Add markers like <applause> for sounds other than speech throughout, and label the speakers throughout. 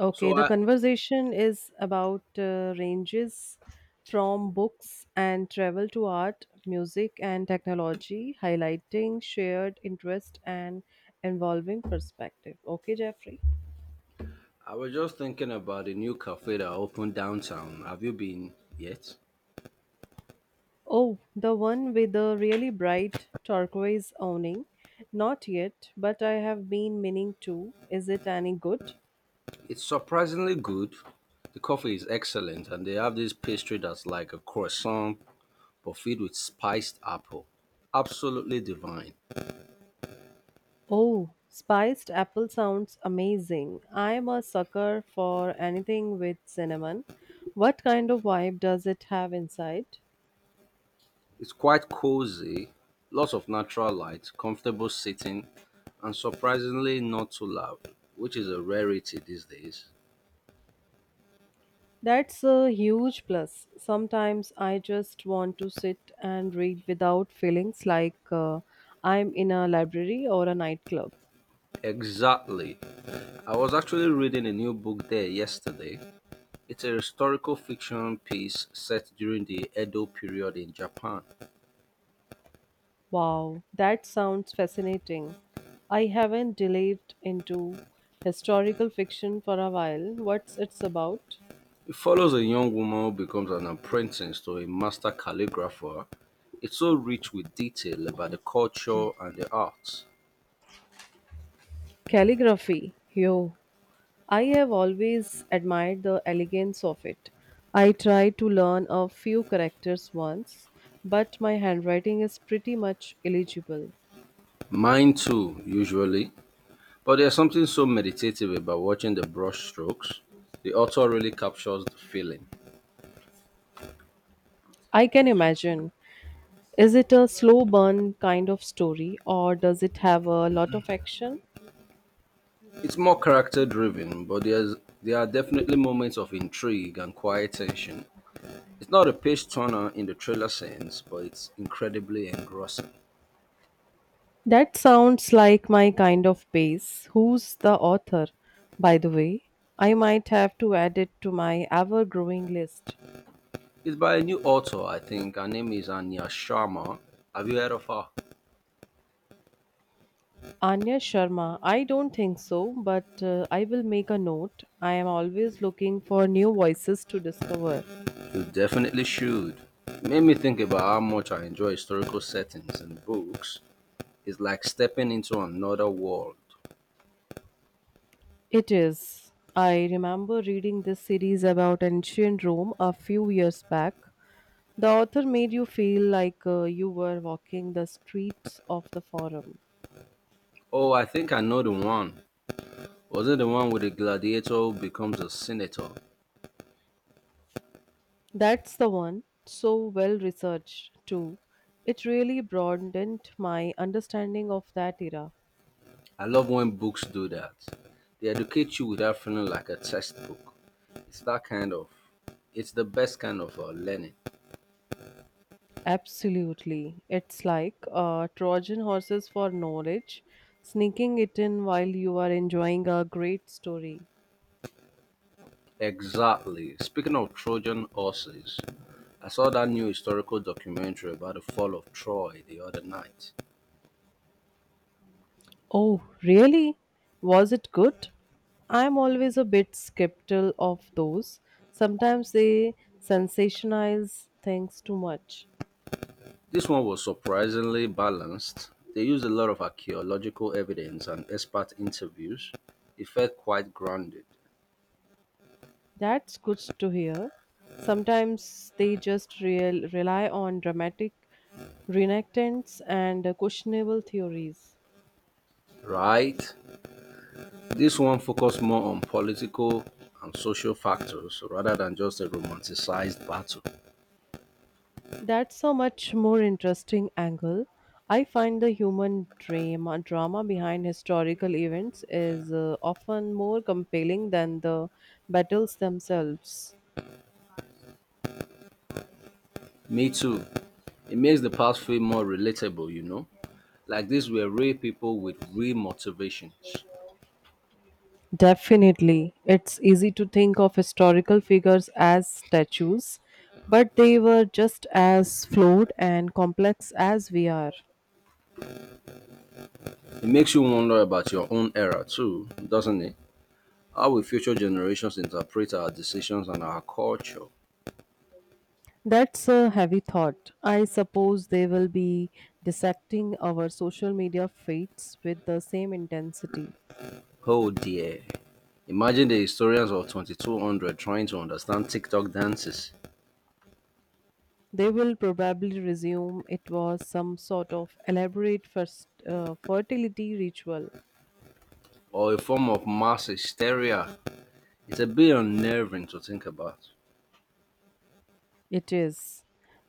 Speaker 1: Okay,
Speaker 2: So
Speaker 1: the
Speaker 2: I,
Speaker 1: conversation is about ranges from books and travel to art, music, and technology, highlighting shared interest and involving perspective. Okay, Jeffrey.
Speaker 2: I was just thinking about the new cafe that opened downtown. Have you been yet?
Speaker 1: Oh, the one with the really bright turquoise awning. Not yet, but I have been meaning to. Is it any good?
Speaker 2: It's surprisingly good. The coffee is excellent, and they have this pastry that's like a croissant but filled with spiced apple. Absolutely divine.
Speaker 1: Oh, spiced apple sounds amazing. I'm a sucker for anything with cinnamon. What kind of vibe does it have inside?
Speaker 2: It's quite cozy, lots of natural light, comfortable sitting, and surprisingly not too loud, which is a rarity these days.
Speaker 1: That's a huge plus. Sometimes I just want to sit and read without feelings like I'm in a library or a nightclub.
Speaker 2: Exactly. I was actually reading a new book there yesterday. It's a historical fiction piece set during the Edo period in Japan.
Speaker 1: Wow, that sounds fascinating. I haven't delved into historical fiction for a while. What's it's about?
Speaker 2: It follows a young woman who becomes an apprentice to a master calligrapher. It's so rich with detail about the culture and the arts.
Speaker 1: Calligraphy. Yo, I have always admired the elegance of it. I tried to learn a few characters once, but my handwriting is pretty much illegible.
Speaker 2: Mine too, usually. But there's something so meditative about watching the brushstrokes. The author really captures the feeling.
Speaker 1: I can imagine. Is it a slow burn kind of story, or does it have a lot of action?
Speaker 2: It's more character driven, but there are definitely moments of intrigue and quiet tension. It's not a page turner in the trailer sense, but it's incredibly engrossing.
Speaker 1: That sounds like my kind of pace. Who's the author, by the way? I might have to add it to my ever growing list.
Speaker 2: It's by a new author, I think. Her name is Anya Sharma. Have you heard of her?
Speaker 1: Anya Sharma, I don't think so, but I will make a note. I am always looking for new voices to discover.
Speaker 2: You definitely should. It made me think about how much I enjoy historical settings and books. It's like stepping into another world.
Speaker 1: It is. I remember reading this series about ancient Rome a few years back. The author made you feel like you were walking the streets of the forum.
Speaker 2: Oh, I think I know the one. Was it the one with the gladiator who becomes a senator?
Speaker 1: That's the one. So well researched, too. It really broadened my understanding of that era.
Speaker 2: I love when books do that. They educate you without feeling like a textbook. It's that kind of, it's the best kind of learning.
Speaker 1: Absolutely. It's like Trojan horses for knowledge, sneaking it in while you are enjoying a great story.
Speaker 2: Exactly. Speaking of Trojan horses, I saw that new historical documentary about the fall of Troy the other night.
Speaker 1: Oh, really? Was it good? I'm always a bit skeptical of those. Sometimes they sensationalize things too much.
Speaker 2: This one was surprisingly balanced. They used a lot of archaeological evidence and expert interviews. It felt quite grounded,
Speaker 1: That's good to hear. Sometimes they just rely on dramatic reenactments and questionable theories.
Speaker 2: right? This one focused more on political and social factors rather than just a romanticized battle.
Speaker 1: That's a much more interesting angle. I find the drama behind historical events is often more compelling than the battles themselves.
Speaker 2: Me too. It makes the past feel more relatable, you know? Like these were real people with real motivations.
Speaker 1: Definitely. It's easy to think of historical figures as statues, but they were just as flawed and complex as we are.
Speaker 2: It makes you wonder about your own era too, doesn't it? How will future generations interpret our decisions and our culture?
Speaker 1: That's a heavy thought. I suppose they will be dissecting our social media feeds with the same intensity.
Speaker 2: Oh dear. Imagine the historians of 2200 trying to understand TikTok dances
Speaker 1: They will probably resume it was some sort of elaborate fertility ritual.
Speaker 2: or a form of mass hysteria. It's a bit unnerving to think about.
Speaker 1: It is,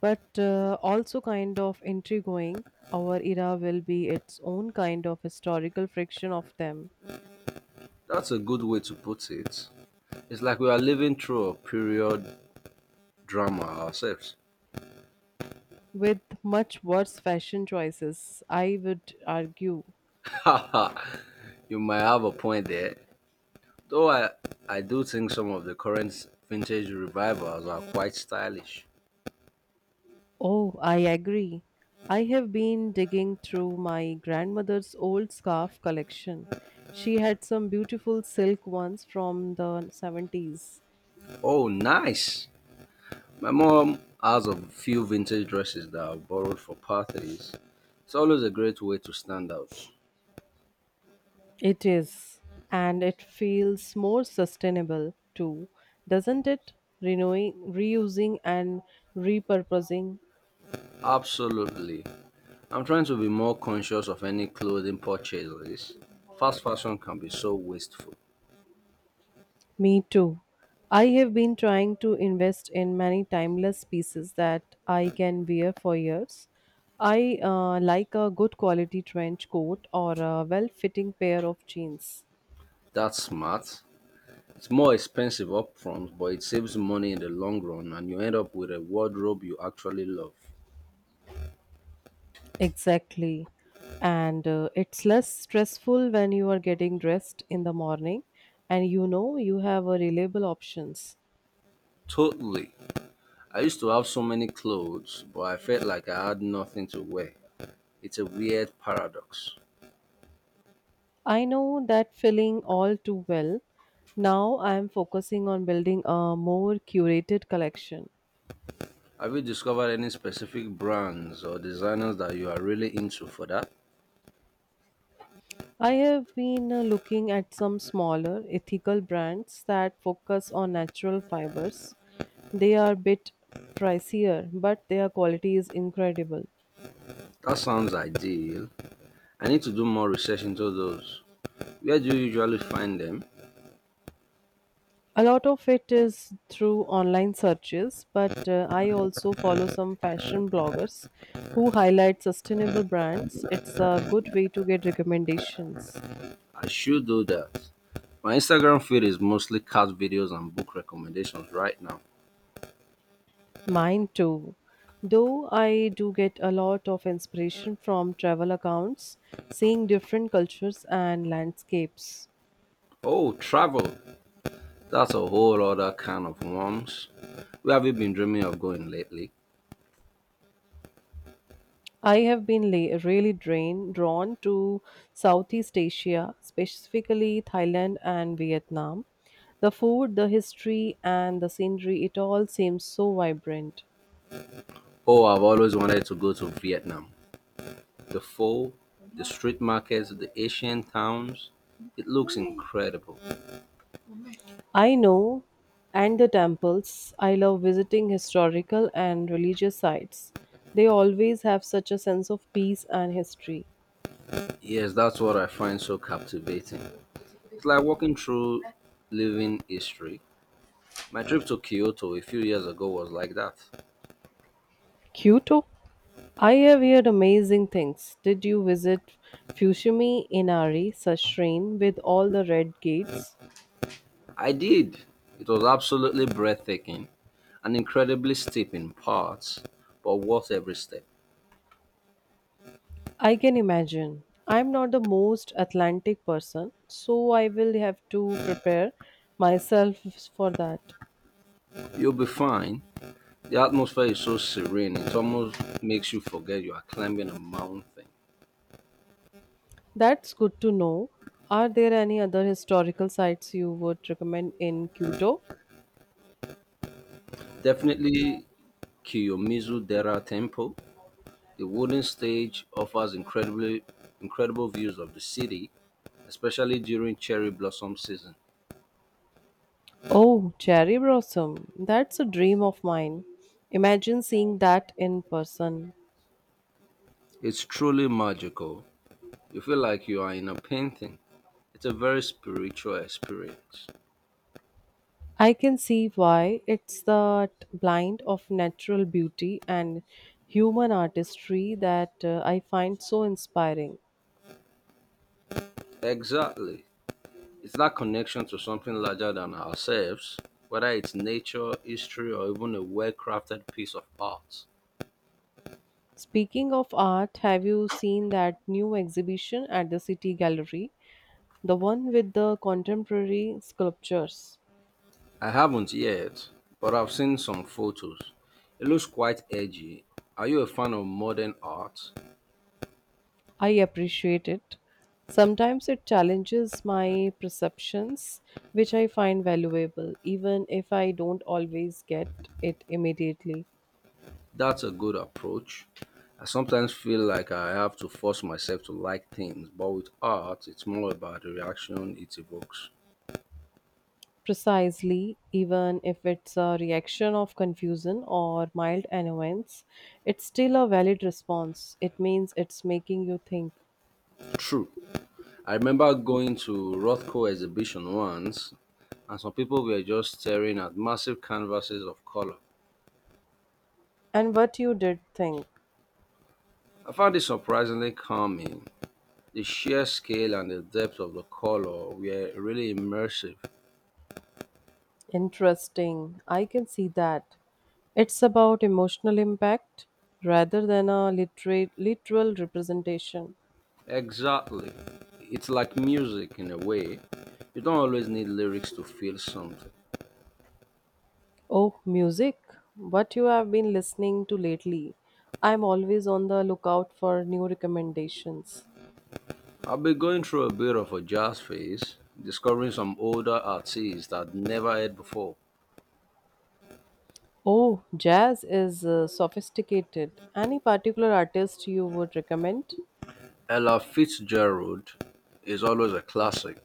Speaker 1: but also kind of intriguing. Our era will be its own kind of historical friction of them,
Speaker 2: That's a good way to put it. It's like we are living through a period drama ourselves.
Speaker 1: with much worse fashion choices, I would argue.
Speaker 2: <laughs> Haha, you might have a point there. Though I do think some of the current vintage revivals are quite stylish.
Speaker 1: Oh, I agree. I have been digging through my grandmother's old scarf collection. She had some beautiful silk ones from the 70s.
Speaker 2: Oh, nice! My mom has a few vintage dresses that I borrowed for parties. It's always a great way to stand out.
Speaker 1: It is, and it feels more sustainable too, doesn't it? Renewing, reusing, and repurposing.
Speaker 2: Absolutely. I'm trying to be more conscious of any clothing purchases. Fast fashion can be so wasteful.
Speaker 1: Me too. I have been trying to invest in many timeless pieces that I can wear for years. I like a good quality trench coat or a well fitting pair of jeans.
Speaker 2: That's smart. It's more expensive upfront, but it saves money in the long run, and you end up with a wardrobe you actually love.
Speaker 1: Exactly. And it's less stressful when you are getting dressed in the morning and you know you have a reliable options.
Speaker 2: Totally. I used to have so many clothes, but I felt like I had nothing to wear. It's a weird paradox.
Speaker 1: I know that feeling all too well. Now I am focusing on building a more curated collection.
Speaker 2: Have you discovered any specific brands or designers that you are really into for that?
Speaker 1: I have been looking at some smaller ethical brands that focus on natural fibers. They are a bit pricier, but their quality is incredible.
Speaker 2: That sounds ideal. I need to do more research into those. Where do you usually find them?
Speaker 1: A lot of it is through online searches, but I also follow some fashion bloggers who highlight sustainable brands. It's a good way to get recommendations.
Speaker 2: I should do that. My Instagram feed is mostly cat videos and book recommendations right now.
Speaker 1: Mine too. Though I do get a lot of inspiration from travel accounts, seeing different cultures and landscapes.
Speaker 2: Oh, travel. That's a whole other kind of worms. Where have you been dreaming of going lately?
Speaker 1: I have been really drawn to Southeast Asia, specifically Thailand and Vietnam. The food, the history, and the scenery, it all seems so vibrant.
Speaker 2: Oh, I've always wanted to go to Vietnam. The pho, the street markets, the Asian towns. It looks incredible.
Speaker 1: I know, and the temples. I love visiting historical and religious sites. They always have such a sense of peace and history.
Speaker 2: Yes, that's what I find so captivating. It's like walking through living history. My trip to Kyoto a few years ago was like that.
Speaker 1: Kyoto? I have heard amazing things. Did you visit Fushimi Inari Sashin with all the red gates?
Speaker 2: I did. It was absolutely breathtaking and incredibly steep in parts, but worth every step.
Speaker 1: I can imagine. I'm not the most Atlantic person, so I will have to prepare myself for that.
Speaker 2: You'll be fine. The atmosphere is so serene, it almost makes you forget you are climbing a mountain.
Speaker 1: That's good to know. Are there any other historical sites you would recommend in Kyoto?
Speaker 2: Definitely Kiyomizu Dera Temple. The wooden stage offers incredibly incredible views of the city, especially during cherry blossom season.
Speaker 1: Oh, cherry blossom. That's a dream of mine. Imagine seeing that in person.
Speaker 2: It's truly magical. You feel like you are in a painting. It's a very spiritual experience.
Speaker 1: I can see why it's that blend of natural beauty and human artistry that I find so inspiring.
Speaker 2: Exactly. It's that connection to something larger than ourselves, whether it's nature, history, or even a well crafted piece of art.
Speaker 1: Speaking of art, have you seen that new exhibition at the City Gallery? The one with the contemporary sculptures.
Speaker 2: I haven't yet, but I've seen some photos. It looks quite edgy. Are you a fan of modern art?
Speaker 1: I appreciate it. Sometimes it challenges my perceptions, which I find valuable, even if I don't always get it immediately.
Speaker 2: That's a good approach. I sometimes feel like I have to force myself to like things, but with art, it's more about the reaction it evokes.
Speaker 1: Precisely, even if it's a reaction of confusion or mild annoyance, it's still a valid response. It means it's making you think
Speaker 2: True. I remember going to Rothko exhibition once, and some people were just staring at massive canvases of color.
Speaker 1: and what you did think.
Speaker 2: I found it surprisingly calming. The sheer scale and the depth of the color were really immersive.
Speaker 1: Interesting. I can see that. It's about emotional impact rather than a literal representation.
Speaker 2: Exactly. It's like music in a way. You don't always need lyrics to feel something.
Speaker 1: Oh, music. What you have been listening to lately? I'm always on the lookout for new recommendations.
Speaker 2: I've been going through a bit of a jazz phase, discovering some older artists I'd never heard before.
Speaker 1: Oh, jazz is sophisticated. Any particular artist you would recommend?
Speaker 2: Ella Fitzgerald is always a classic.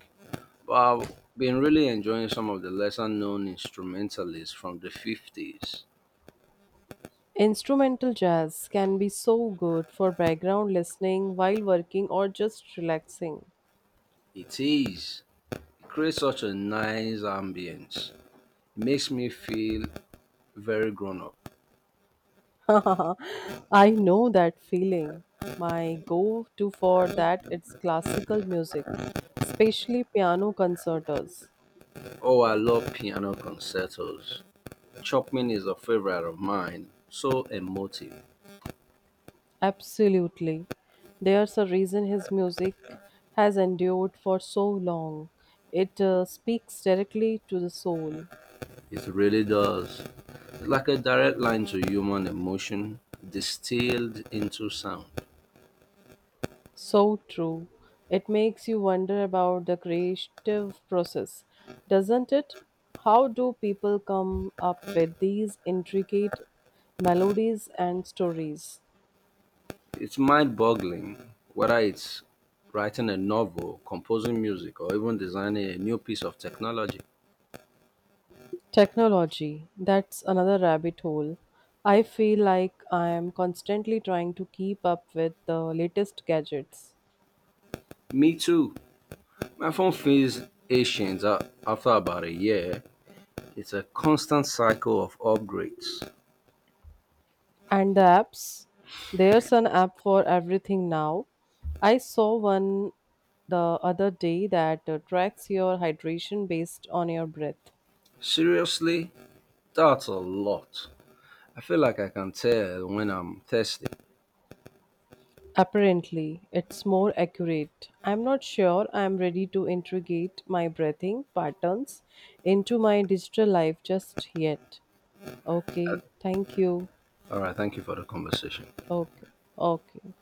Speaker 2: I've been really enjoying some of the lesser known instrumentalists from the 50s.
Speaker 1: Instrumental jazz can be so good for background listening while working or just relaxing.
Speaker 2: It is. It creates such a nice ambience. It makes me feel very grown up.
Speaker 1: <laughs> I know that feeling. My go to for that it's classical music, especially piano concertos.
Speaker 2: Oh, I love piano concertos. Chopin is a favorite of mine. So emotive.
Speaker 1: Absolutely. There's a reason his music has endured for so long. It speaks directly to the soul.
Speaker 2: It really does. It's like a direct line to human emotion distilled into sound.
Speaker 1: So true. It makes you wonder about the creative process, doesn't it? How do people come up with these intricate melodies and stories?
Speaker 2: It's mind boggling whether it's writing a novel, composing music, or even designing a new piece of technology.
Speaker 1: Technology, that's another rabbit hole. I feel like I am constantly trying to keep up with the latest gadgets.
Speaker 2: Me too. My phone feels ancient after about a year. It's a constant cycle of upgrades.
Speaker 1: And the apps, there's an app for everything now. I saw one the other day that tracks your hydration based on your breath.
Speaker 2: Seriously? That's a lot. I feel like I can tell when I'm thirsty.
Speaker 1: Apparently, it's more accurate. I'm not sure I'm ready to integrate my breathing patterns into my digital life just yet. Okay, thank you.
Speaker 2: All right, thank you for the conversation.
Speaker 1: Okay, okay.